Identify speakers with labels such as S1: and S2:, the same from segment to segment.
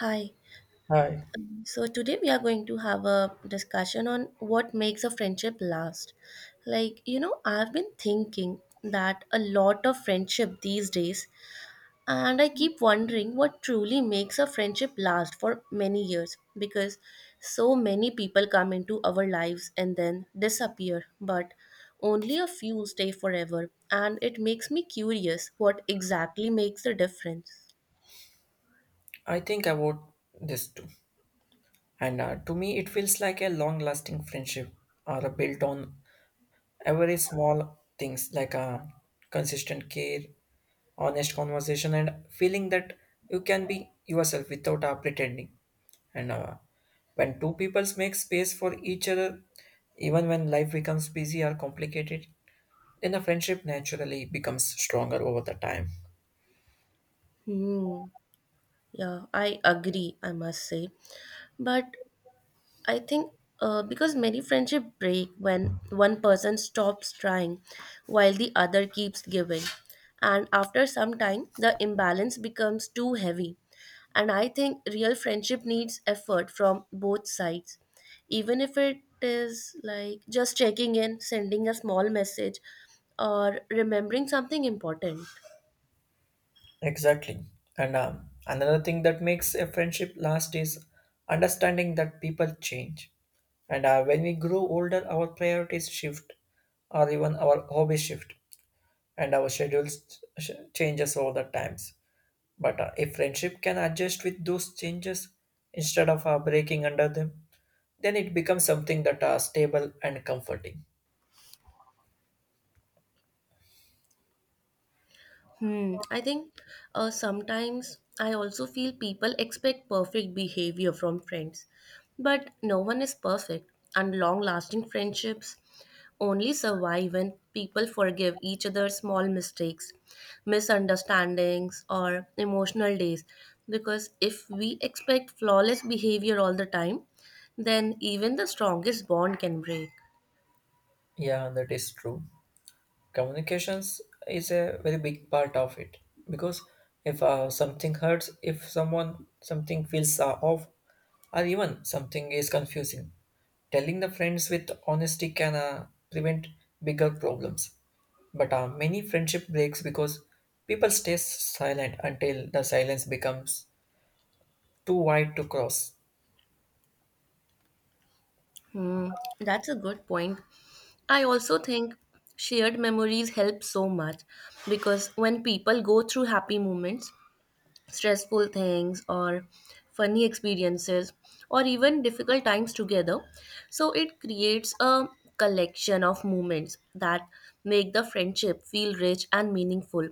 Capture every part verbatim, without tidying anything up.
S1: Hi.
S2: Hi,
S1: Um, So today we are going to have a discussion on what makes a friendship last. Like, you know, I've been thinking that a lot of friendship these days, and I keep wondering what truly makes a friendship last for many years because so many people come into our lives and then disappear, but only a few stay forever, and it makes me curious what exactly makes the difference.
S2: I think about this too. And uh, to me, it feels like a long lasting friendship are built on every small things like a consistent care, honest conversation, and feeling that you can be yourself without uh, pretending. And uh, when two peoples make space for each other, even when life becomes busy or complicated, then a friendship naturally becomes stronger over the time.
S1: Hmm. Yeah, I agree, I must say. But I think uh, because many friendship break when one person stops trying while the other keeps giving. And after some time, the imbalance becomes too heavy. And I think real friendship needs effort from both sides. Even if it is like just checking in, sending a small message, or remembering something important.
S2: Exactly. And um, another thing that makes a friendship last is understanding that people change. And uh, when we grow older, our priorities shift, or even our hobbies shift, and our schedules sh- changes all the times. But uh, if friendship can adjust with those changes instead of uh, breaking under them, then it becomes something that are stable and comforting.
S1: Hmm. I think uh, sometimes I also feel people expect perfect behavior from friends, but no one is perfect, and long lasting friendships only survive when people forgive each other small mistakes, misunderstandings, or emotional days. Because if we expect flawless behavior all the time, then even the strongest bond can break.
S2: Yeah, that is true. Communications is a very big part of it because if uh, something hurts, if someone something feels uh, off, or even something is confusing, telling the friends with honesty can uh, prevent bigger problems. But uh, many friendship breaks because people stay silent until the silence becomes too wide to cross.
S1: Hmm, that's a good point. I also think shared memories help so much because when people go through happy moments, stressful things, or funny experiences, or even difficult times together, so it creates a collection of moments that make the friendship feel rich and meaningful,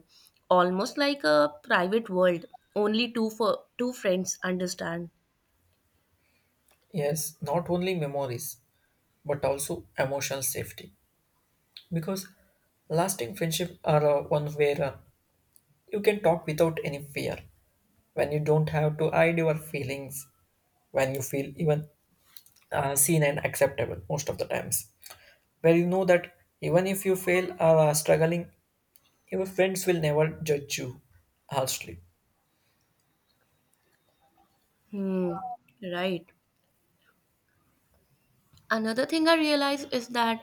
S1: almost like a private world only two for two friends understand.
S2: Yes, not only memories, but also emotional safety, because lasting friendship are uh, one where uh, you can talk without any fear, when you don't have to hide your feelings, when you feel even uh, seen and acceptable most of the times. Where you know that even if you fail or are struggling, your friends will never judge you harshly.
S1: Hmm, right. Another thing I realize is that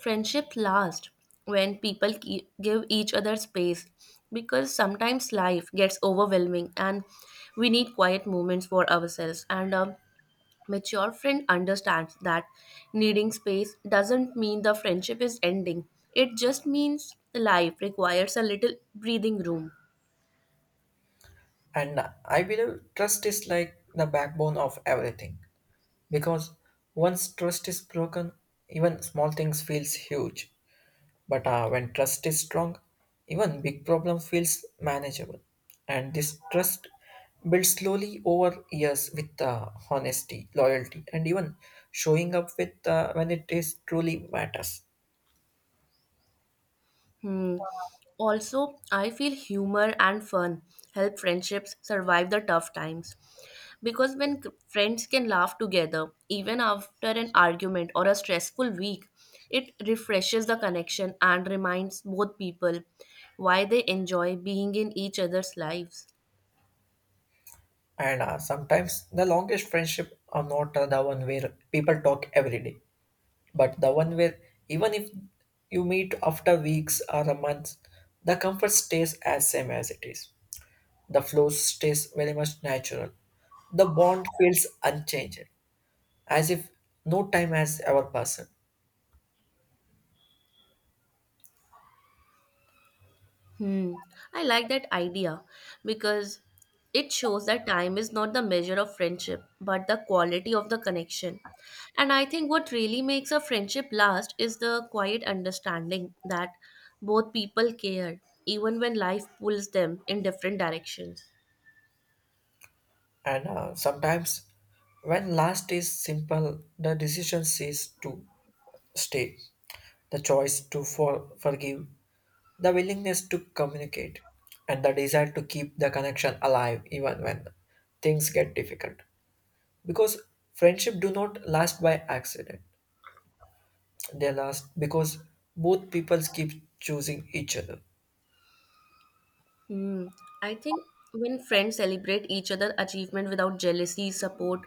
S1: friendship lasts when people ki- give each other space because sometimes life gets overwhelming and we need quiet moments for ourselves. And a mature friend understands that needing space doesn't mean the friendship is ending, it just means life requires a little breathing room.
S2: And I believe trust is like the backbone of everything, because once trust is broken, even small things feels huge. But uh, when trust is strong, even big problem feels manageable. And this trust builds slowly over years with uh, honesty, loyalty, and even showing up with uh, when it is truly matters.
S1: Hmm. Also, I feel humor and fun help friendships survive the tough times. Because when c- friends can laugh together, even after an argument or a stressful week, it refreshes the connection and reminds both people why they enjoy being in each other's lives.
S2: And uh, sometimes the longest friendship are not uh, the one where people talk every day, but the one where even if you meet after weeks or a month, the comfort stays as same as it is. The flow stays very much natural. The bond feels unchanged, as if no time has ever passed.
S1: Hmm. I like that idea because it shows that time is not the measure of friendship, but the quality of the connection. And I think what really makes a friendship last is the quiet understanding that both people care, even when life pulls them in different directions.
S2: And uh, sometimes, when last is simple, the decision is to stay, the choice to for- forgive, the willingness to communicate, and the desire to keep the connection alive even when things get difficult. Because friendship do not last by accident; they last because both peoples keep choosing each other.
S1: Hmm. I think when friends celebrate each other's achievement without jealousy, support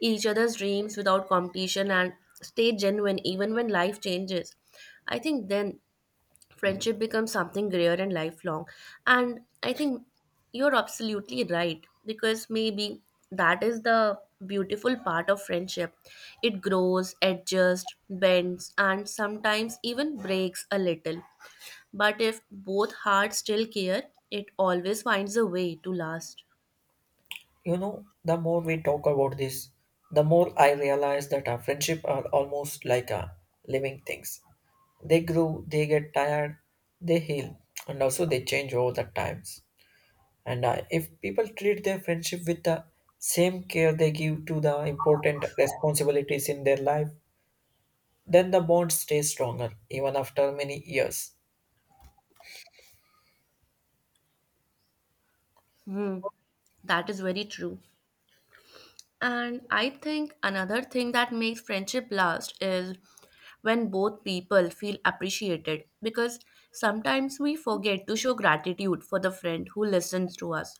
S1: each other's dreams without competition, and stay genuine even when life changes, I think then friendship becomes something rare and lifelong. And I think you're absolutely right because maybe that is the beautiful part of friendship. It grows, adjusts, bends, and sometimes even breaks a little, but if both hearts still care, it always finds a way to last.
S2: You know, the more we talk about this, the more I realize that our friendship are almost like a living things. They grow, they get tired, they heal, and also they change over the times. And uh, if people treat their friendship with the same care they give to the important responsibilities in their life, then the bond stays stronger even after many years.
S1: Hmm, that is very true. And I think another thing that makes friendship last is when both people feel appreciated because sometimes we forget to show gratitude for the friend who listens to us,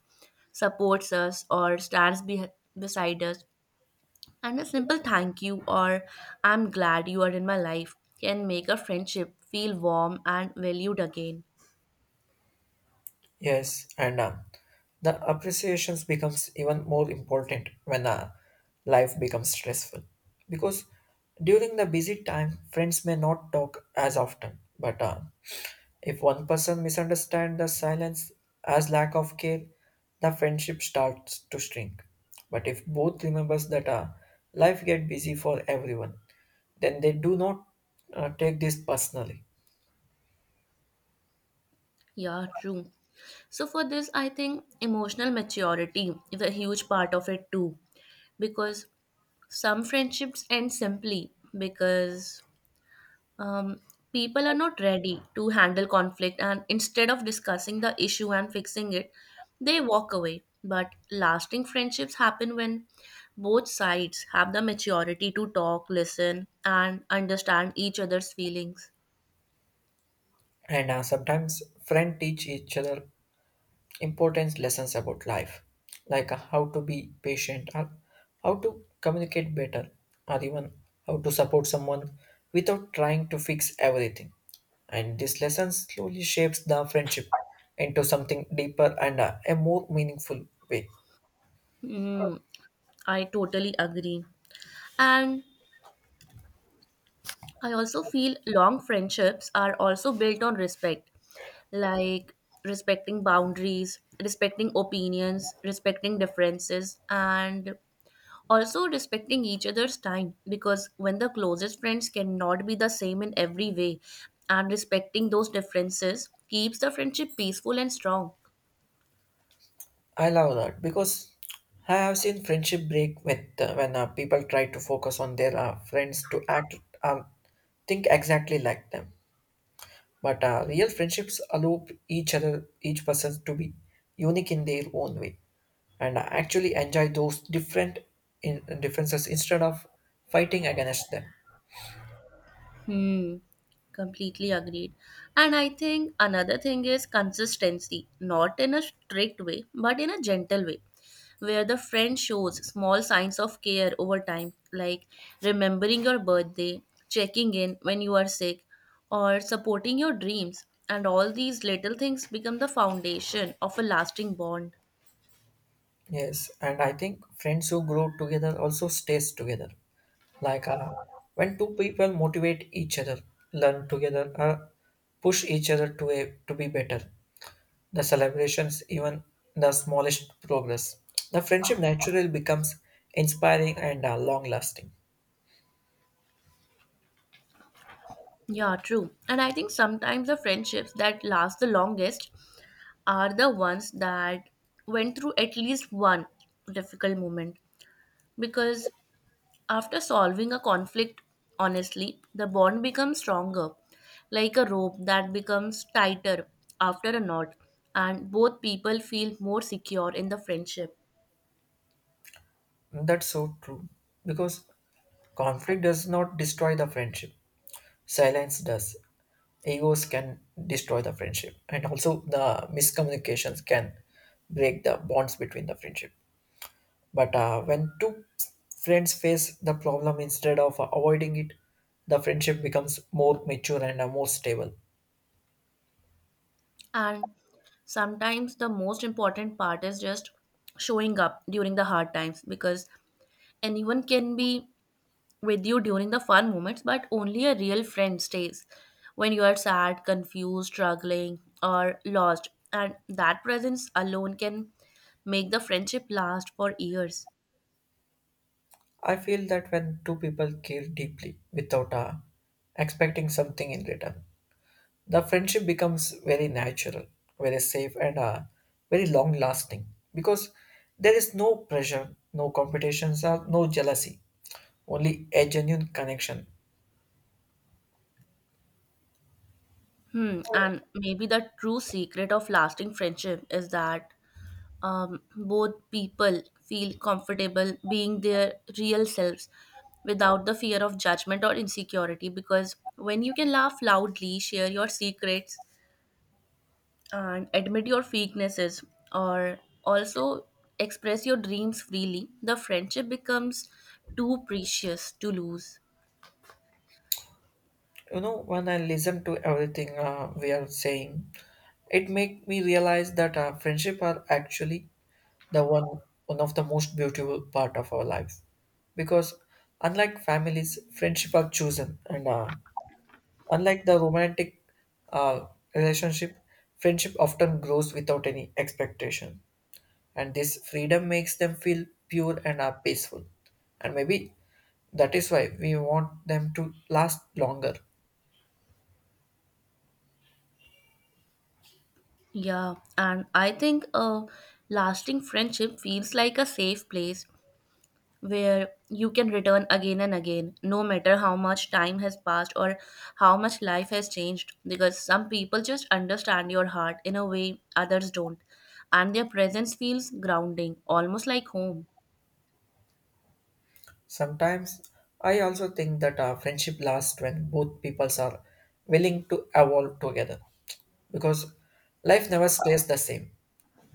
S1: supports us, or stands be- beside us. And a simple thank you or I'm glad you are in my life can make a friendship feel warm and valued again.
S2: Yes, and uh, the appreciations becomes even more important when uh, life becomes stressful. Because during the busy time, friends may not talk as often. But uh, if one person misunderstands the silence as lack of care, the friendship starts to shrink. But if both remembers that uh, life get busy for everyone, then they do not uh, take this personally.
S1: Yeah, true. So for this, I think emotional maturity is a huge part of it too, because some friendships end simply because um, people are not ready to handle conflict, and instead of discussing the issue and fixing it, they walk away. But lasting friendships happen when both sides have the maturity to talk, listen, and understand each other's feelings.
S2: And uh, sometimes friends teach each other important lessons about life, like uh, how to be patient, or how to communicate better, or even how to support someone without trying to fix everything. And this lesson slowly shapes the friendship into something deeper and uh, a more meaningful way.
S1: Hmm, I totally agree. And I also feel long friendships are also built on respect. Like respecting boundaries, respecting opinions, respecting differences, and also respecting each other's time, because when the closest friends cannot be the same in every way, and respecting those differences keeps the friendship peaceful and strong.
S2: I love that because I have seen friendship break with uh, when uh, people try to focus on their uh, friends to act or think exactly like them. But uh, real friendships allow each other, each person to be unique in their own way, and uh, actually enjoy those different in, differences instead of fighting against them.
S1: Hmm, completely agreed. And I think another thing is consistency, not in a strict way, but in a gentle way, where the friend shows small signs of care over time, like remembering your birthday, checking in when you are sick, or supporting your dreams. And all these little things become the foundation of a lasting bond.
S2: Yes, and I think friends who grow together also stays together. Like uh, when two people motivate each other, learn together, uh, push each other to a, to be better. The celebrations, even the smallest progress, the friendship naturally becomes inspiring and uh, long lasting.
S1: Yeah, true. And I think sometimes the friendships that last the longest are the ones that went through at least one difficult moment, because after solving a conflict honestly, the bond becomes stronger, like a rope that becomes tighter after a knot, and both people feel more secure in the friendship.
S2: That's so true. Because conflict does not destroy the friendship, silence does. Egos can destroy the friendship, and also the miscommunications can break the bonds between the friendship. But uh, when two friends face the problem instead of avoiding it, the friendship becomes more mature and uh, more stable.
S1: And sometimes the most important part is just showing up during the hard times, because anyone can be with you during the fun moments, but only a real friend stays when you are sad, confused, struggling, or lost. And that presence alone can make the friendship last for years.
S2: I feel that when two people care deeply without uh, expecting something in return, the friendship becomes very natural, very safe, and uh, very long lasting, because there is no pressure, no competitions, or no jealousy, only a genuine connection.
S1: Hmm. And maybe the true secret of lasting friendship is that um, both people feel comfortable being their real selves without the fear of judgment or insecurity. Because when you can laugh loudly, share your secrets, and admit your weaknesses or also express your dreams freely, the friendship becomes too precious to lose.
S2: You know, when I listen to everything uh, we are saying, it make me realize that uh, friendship are actually the one one of the most beautiful part of our life, because unlike families friendship are chosen, and uh, unlike the romantic uh, relationship, friendship often grows without any expectation, and this freedom makes them feel pure and are peaceful. And maybe that is why we want them to last longer.
S1: Yeah, and I think a lasting friendship feels like a safe place where you can return again and again, no matter how much time has passed or how much life has changed, because some people just understand your heart in a way others don't, and their presence feels grounding, almost like home.
S2: Sometimes I also think that our friendship lasts when both peoples are willing to evolve together, because life never stays the same.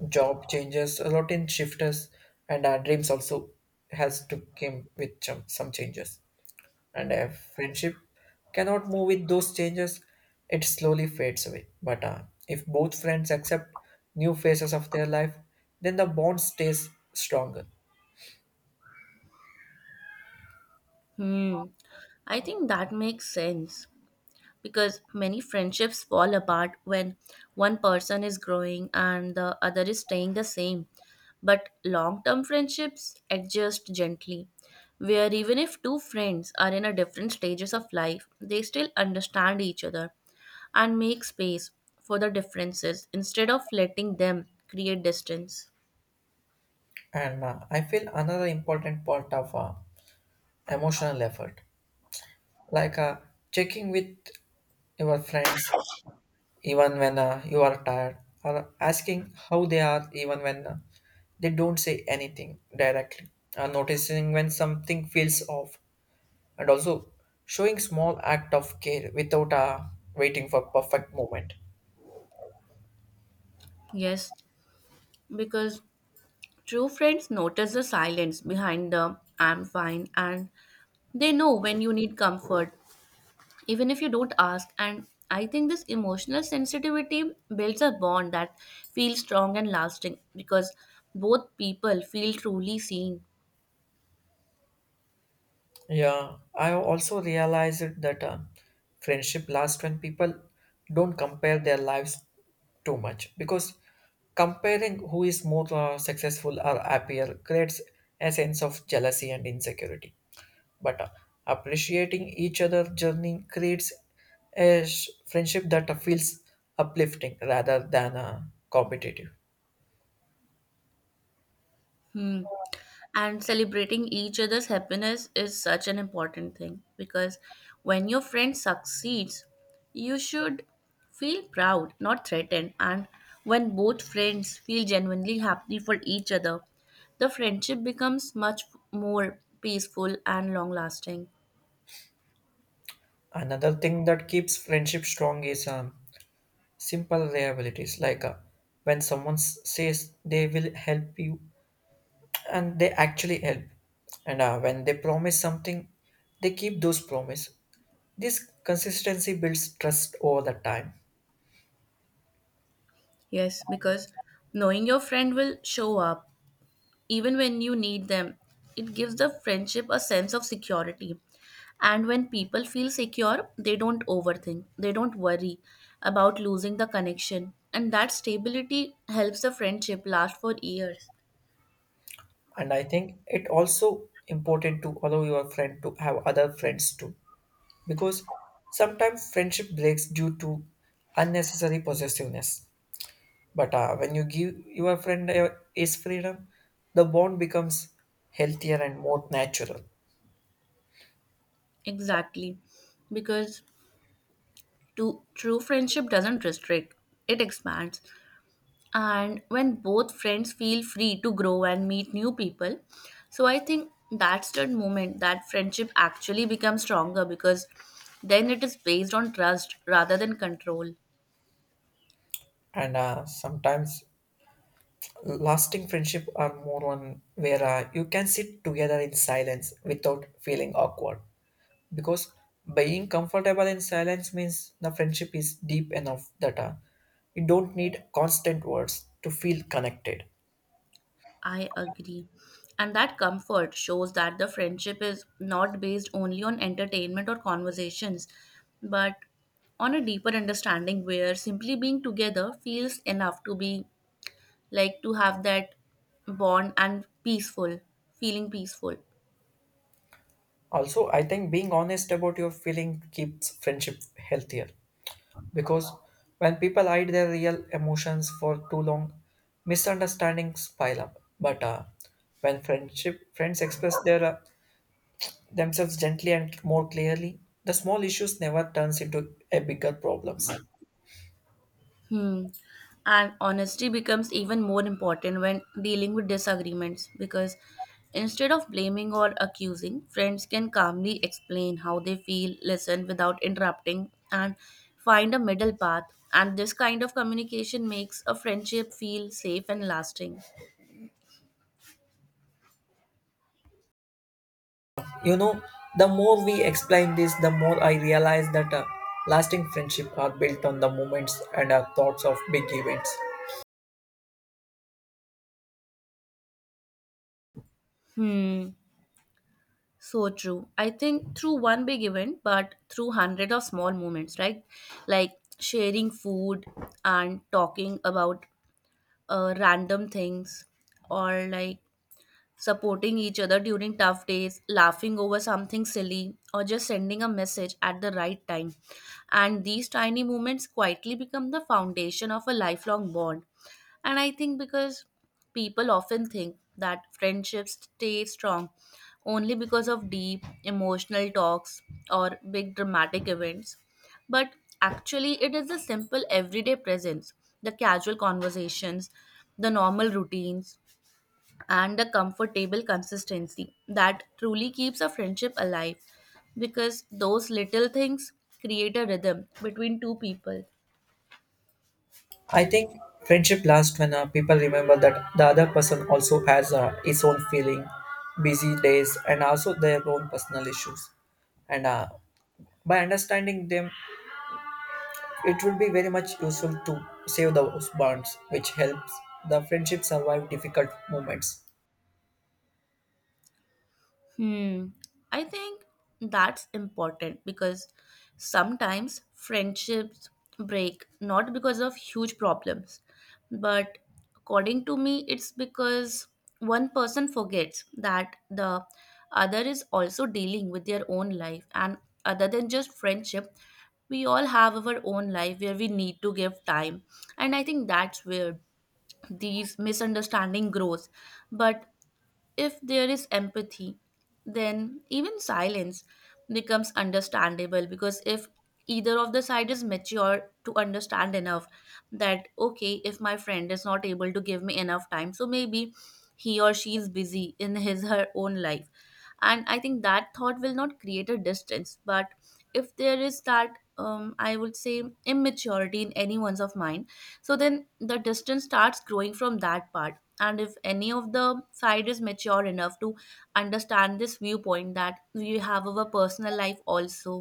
S2: Job changes, routine shifts, and our dreams also has to come with some some changes. And a friendship cannot move with those changes, it slowly fades away. But uh, if both friends accept new phases of their life, then the bond stays stronger.
S1: Hmm. I think that makes sense because many friendships fall apart when one person is growing and the other is staying the same. But long term friendships adjust gently, where even if two friends are in a different stages of life, they still understand each other and make space for the differences instead of letting them create distance.
S2: And uh, I feel another important part of uh, emotional effort, like uh, checking with your friends even when uh, you are tired, or asking how they are even when uh, they don't say anything directly, or noticing when something feels off, and also showing small act of care without uh, waiting for perfect moment.
S1: Yes, because true friends notice the silence behind the I'm fine, and they know when you need comfort, even if you don't ask. And I think this emotional sensitivity builds a bond that feels strong and lasting because both people feel truly seen.
S2: Yeah, I also realized that uh, friendship lasts when people don't compare their lives too much, because comparing who is more uh, successful or happier creates a sense of jealousy and insecurity. But uh, appreciating each other's journey creates a sh- friendship that uh, feels uplifting rather than uh, competitive.
S1: Hmm. And celebrating each other's happiness is such an important thing, because when your friend succeeds, you should feel proud, not threatened. And when both friends feel genuinely happy for each other, the friendship becomes much more peaceful and long lasting.
S2: Another thing that keeps friendship strong is um, simple reliabilities. Like uh, when someone s- says they will help you, and they actually help, and uh, when they promise something, they keep those promise. This consistency builds trust over the time.
S1: Yes, because knowing your friend will show up even when you need them, it gives the friendship a sense of security. And when people feel secure, they don't overthink, they don't worry about losing the connection. And that stability helps the friendship last for years.
S2: And I think it also important to allow your friend to have other friends too, because sometimes friendship breaks due to unnecessary possessiveness. But uh, when you give your friend uh, his freedom, the bond becomes healthier and more natural.
S1: Exactly. Because to, true friendship doesn't restrict, it expands. And when both friends feel free to grow and meet new people, so I think that's the moment that friendship actually becomes stronger, because then it is based on trust rather than control.
S2: And uh, sometimes lasting friendship are more on where uh, you can sit together in silence without feeling awkward. Because being comfortable in silence means the friendship is deep enough that uh, you don't need constant words to feel connected.
S1: I agree, and that comfort shows that the friendship is not based only on entertainment or conversations, but on a deeper understanding where simply being together feels enough, to be like to have that bond and peaceful, feeling peaceful.
S2: Also, I think being honest about your feeling keeps friendship healthier, because when people hide their real emotions for too long, misunderstandings pile up. But uh, when friendship friends express their uh, themselves gently and more clearly, the small issues never turns into a bigger problems.
S1: Hmm. And honesty becomes even more important when dealing with disagreements, because instead of blaming or accusing, friends can calmly explain how they feel, listen without interrupting, and find a middle path. And this kind of communication makes a friendship feel safe and lasting.
S2: You know, the more we explain this, the more I realize that uh, lasting friendship are built on the moments and uh, thoughts of big events.
S1: Hmm. So true. I think through one big event, but through hundred of small moments, right? Like sharing food and talking about uh, random things, or like supporting each other during tough days, laughing over something silly, or just sending a message at the right time. And these tiny moments quietly become the foundation of a lifelong bond. And I think because people often think that friendships stay strong only because of deep emotional talks or big dramatic events. But actually, it is the simple everyday presence, the casual conversations, the normal routines, and a comfortable consistency that truly keeps a friendship alive, because those little things create a rhythm between two people.
S2: I think friendship lasts when uh, people remember that the other person also has uh, his own feeling, busy days, and also their own personal issues. And uh, by understanding them, it will be very much useful to save those bonds, which helps the friendship survive difficult moments.
S1: Hmm. I think that's important because sometimes friendships break not because of huge problems, but according to me, it's because one person forgets that the other is also dealing with their own life. And other than just friendship, we all have our own life where we need to give time. And I think that's where these misunderstanding grows. But if there is empathy, then even silence becomes understandable because if either of the side is mature to understand enough that, okay, if my friend is not able to give me enough time, so maybe he or she is busy in his her own life, and I think that thought will not create a distance. But if there is that um, I would say immaturity in anyone's of mind, so then the distance starts growing from that part. And if any of the side is mature enough to understand this viewpoint that we have our personal life also,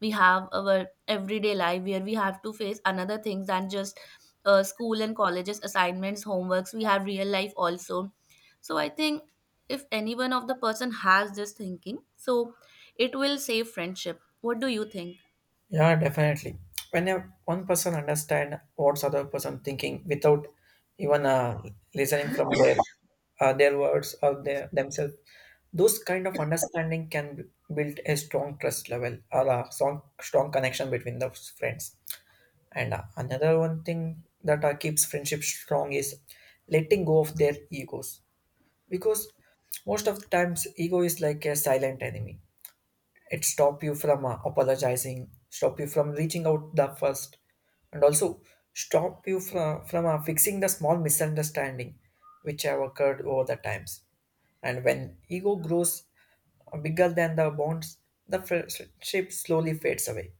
S1: we have our everyday life where we have to face another things than just uh, school and colleges assignments homeworks, we have real life also. So I think if any one of the person has this thinking, so it will save friendship. What do you think?
S2: Yeah, definitely. When a, one person understand what's other person thinking without even uh, listening from their uh, their words or their themselves, those kind of understanding can b- build a strong trust level or a strong strong connection between those friends. And uh, another one thing that uh, keeps friendship strong is letting go of their egos, because most of the times ego is like a silent enemy. It stop you from uh, apologizing, stop you from reaching out the first, and also stop you from, from uh, fixing the small misunderstanding which have occurred over the times. And when ego grows uh, bigger than the bonds, the friendship slowly fades away.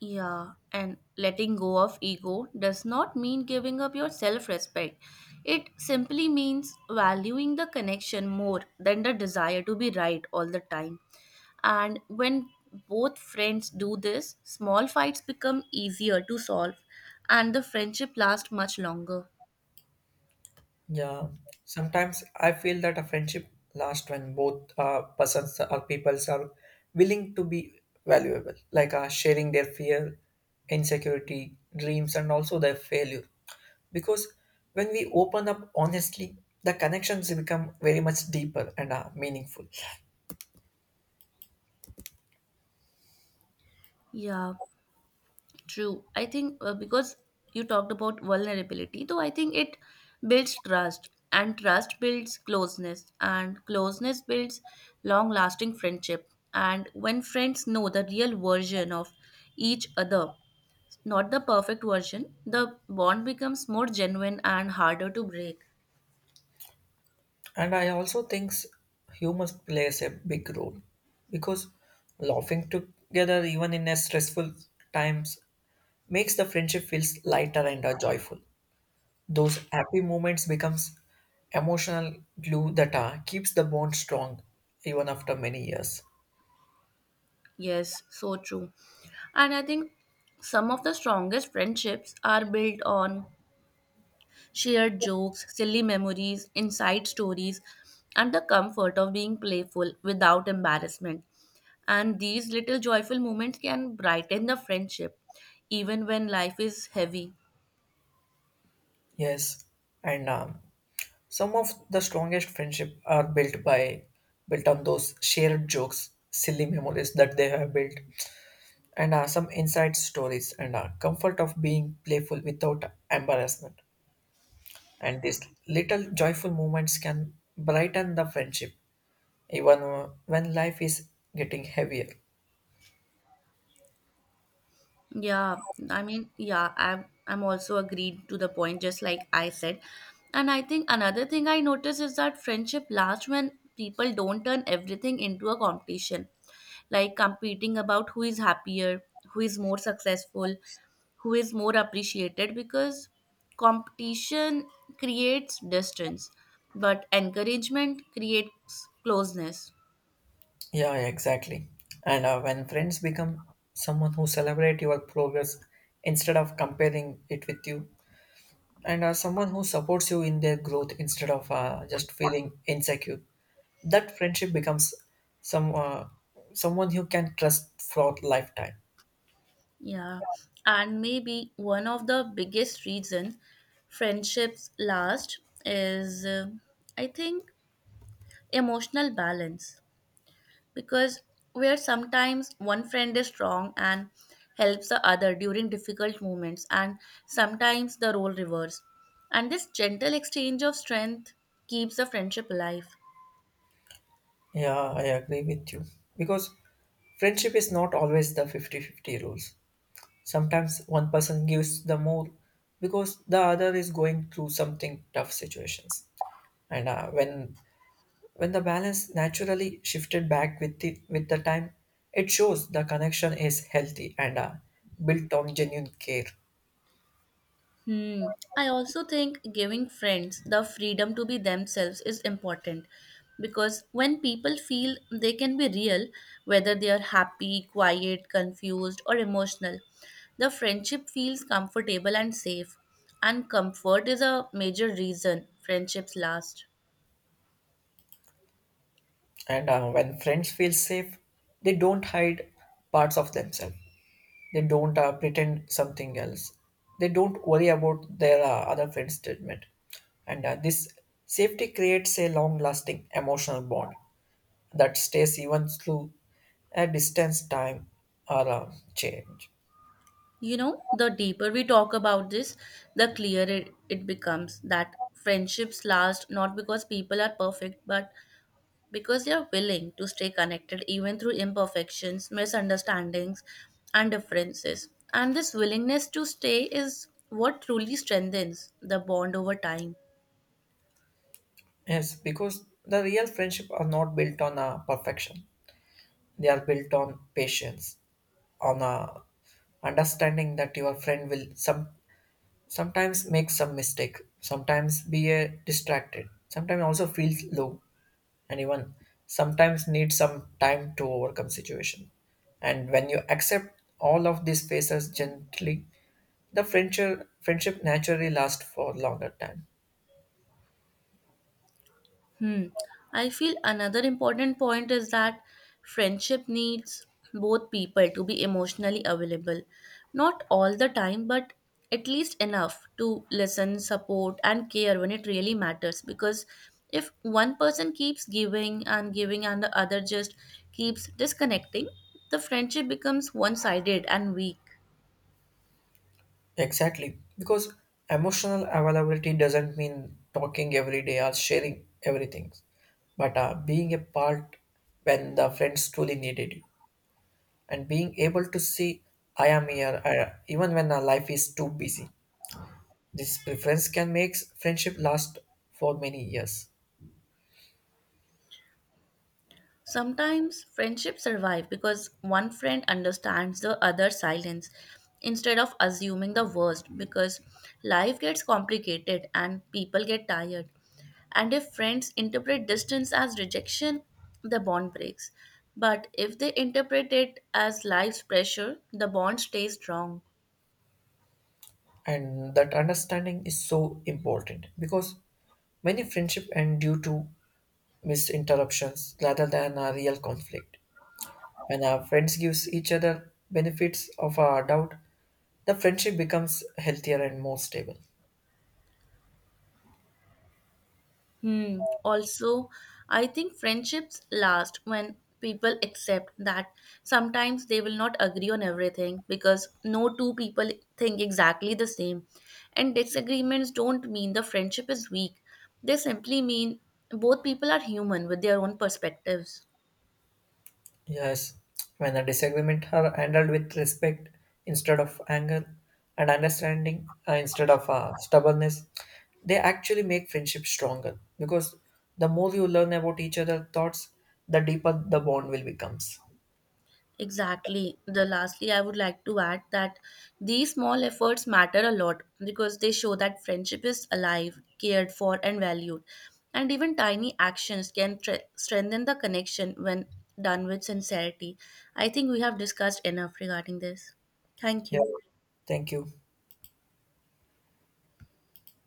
S1: Yeah, and letting go of ego does not mean giving up your self respect. It simply means valuing the connection more than the desire to be right all the time. And when both friends do this, small fights become easier to solve and the friendship lasts much longer.
S2: Yeah, sometimes I feel that a friendship lasts when both uh, persons or peoples are willing to be valuable, like uh, sharing their fear, insecurity, dreams, and also their failure. Because when we open up honestly, the connections become very much deeper and uh, meaningful.
S1: Yeah. True. I think uh, because you talked about vulnerability, though I think it builds trust, and trust builds closeness, and closeness builds long lasting friendship. And when friends know the real version of each other, not the perfect version, the bond becomes more genuine and harder to break.
S2: And I also think humor plays a big role, because laughing together, even in a stressful times, makes the friendship feels lighter and uh, joyful. Those happy moments becomes emotional glue that uh, keeps the bond strong even after many years.
S1: Yes, so true. And I think some of the strongest friendships are built on shared jokes, silly memories, inside stories, and the comfort of being playful without embarrassment. And these little joyful moments can brighten the friendship even when life is heavy.
S2: Yes, and um, some of the strongest friendship are built by built on those shared jokes, silly memories that they have built, and uh, some inside stories and uh, comfort of being playful without embarrassment. And these little joyful moments can brighten the friendship even uh, when life is getting heavier.
S1: Yeah, I mean, yeah, I'm I'm also agreed to the point, just like I said. And I think another thing I notice is that friendship lasts when people don't turn everything into a competition, like competing about who is happier, who is more successful, who is more appreciated, because competition creates distance, but encouragement creates closeness.
S2: Yeah, exactly. And uh, when friends become someone who celebrate your progress instead of comparing it with you, and uh, someone who supports you in their growth instead of uh, just feeling insecure, that friendship becomes some uh, someone you can trust for lifetime.
S1: Yeah, and maybe one of the biggest reasons friendships last is, uh, I think, emotional balance. Because where sometimes one friend is strong and helps the other during difficult moments, and sometimes the role reverse. And this gentle exchange of strength keeps the friendship alive.
S2: Yeah, I agree with you, because friendship is not always the fifty-fifty rules. Sometimes one person gives the more because the other is going through something tough situations. And uh, when when the balance naturally shifted back with the with the time, it shows the connection is healthy and uh, built on genuine care.
S1: Hmm. I also think giving friends the freedom to be themselves is important because when people feel they can be real, whether they are happy, quiet, confused, or emotional, the friendship feels comfortable and safe. And comfort is a major reason friendships last.
S2: And uh, when friends feel safe, they don't hide parts of themselves. They don't uh, pretend something else. They don't worry about their uh, other friends' judgment. And uh, this safety creates a long lasting emotional bond that stays even through a distance time or a change.
S1: You know, the deeper we talk about this, the clearer it becomes that friendships last not because people are perfect, but because you're willing to stay connected even through imperfections, misunderstandings, and differences. And this willingness to stay is what truly strengthens the bond over time.
S2: Yes, because the real friendship are not built on a perfection. They are built on patience, on a understanding that your friend will some sometimes make some mistake, sometimes be uh, distracted, sometimes also feels low, and even sometimes need some time to overcome situation. And when you accept all of these phases gently, the friendship, friendship naturally lasts for longer time.
S1: Hmm. I feel another important point is that friendship needs both people to be emotionally available. Not all the time, but at least enough to listen, support, and care when it really matters. Because if one person keeps giving and giving and the other just keeps disconnecting, the friendship becomes one sided and weak.
S2: Exactly, because emotional availability doesn't mean talking every day or sharing everything, but uh, being a part when the friends truly needed you, and being able to see I am here, uh, even when our life is too busy. This preference can make friendship last for many years.
S1: Sometimes friendships survive because one friend understands the other's silence instead of assuming the worst, because life gets complicated and people get tired. And if friends interpret distance as rejection, the bond breaks. But if they interpret it as life's pressure, the bond stays strong.
S2: And that understanding is so important, because many friendship end due to misinterruptions rather than a real conflict. When our friends gives each other benefits of our doubt, the friendship becomes healthier and more stable.
S1: Hmm. Also, I think friendships last when people accept that sometimes they will not agree on everything because no two people think exactly the same. And disagreements don't mean the friendship is weak, they simply mean both people are human with their own perspectives.
S2: Yes, when the disagreement are handled with respect instead of anger, and understanding uh, instead of uh, stubbornness, they actually make friendship stronger, because the more you learn about each other's thoughts, the deeper the bond will becomes.
S1: Exactly. The lastly, I would like to add that these small efforts matter a lot because they show that friendship is alive, cared for, and valued. And even tiny actions can tre- strengthen the connection when done with sincerity. I think we have discussed enough regarding this. Thank
S2: Yeah,
S1: you.
S2: thank you.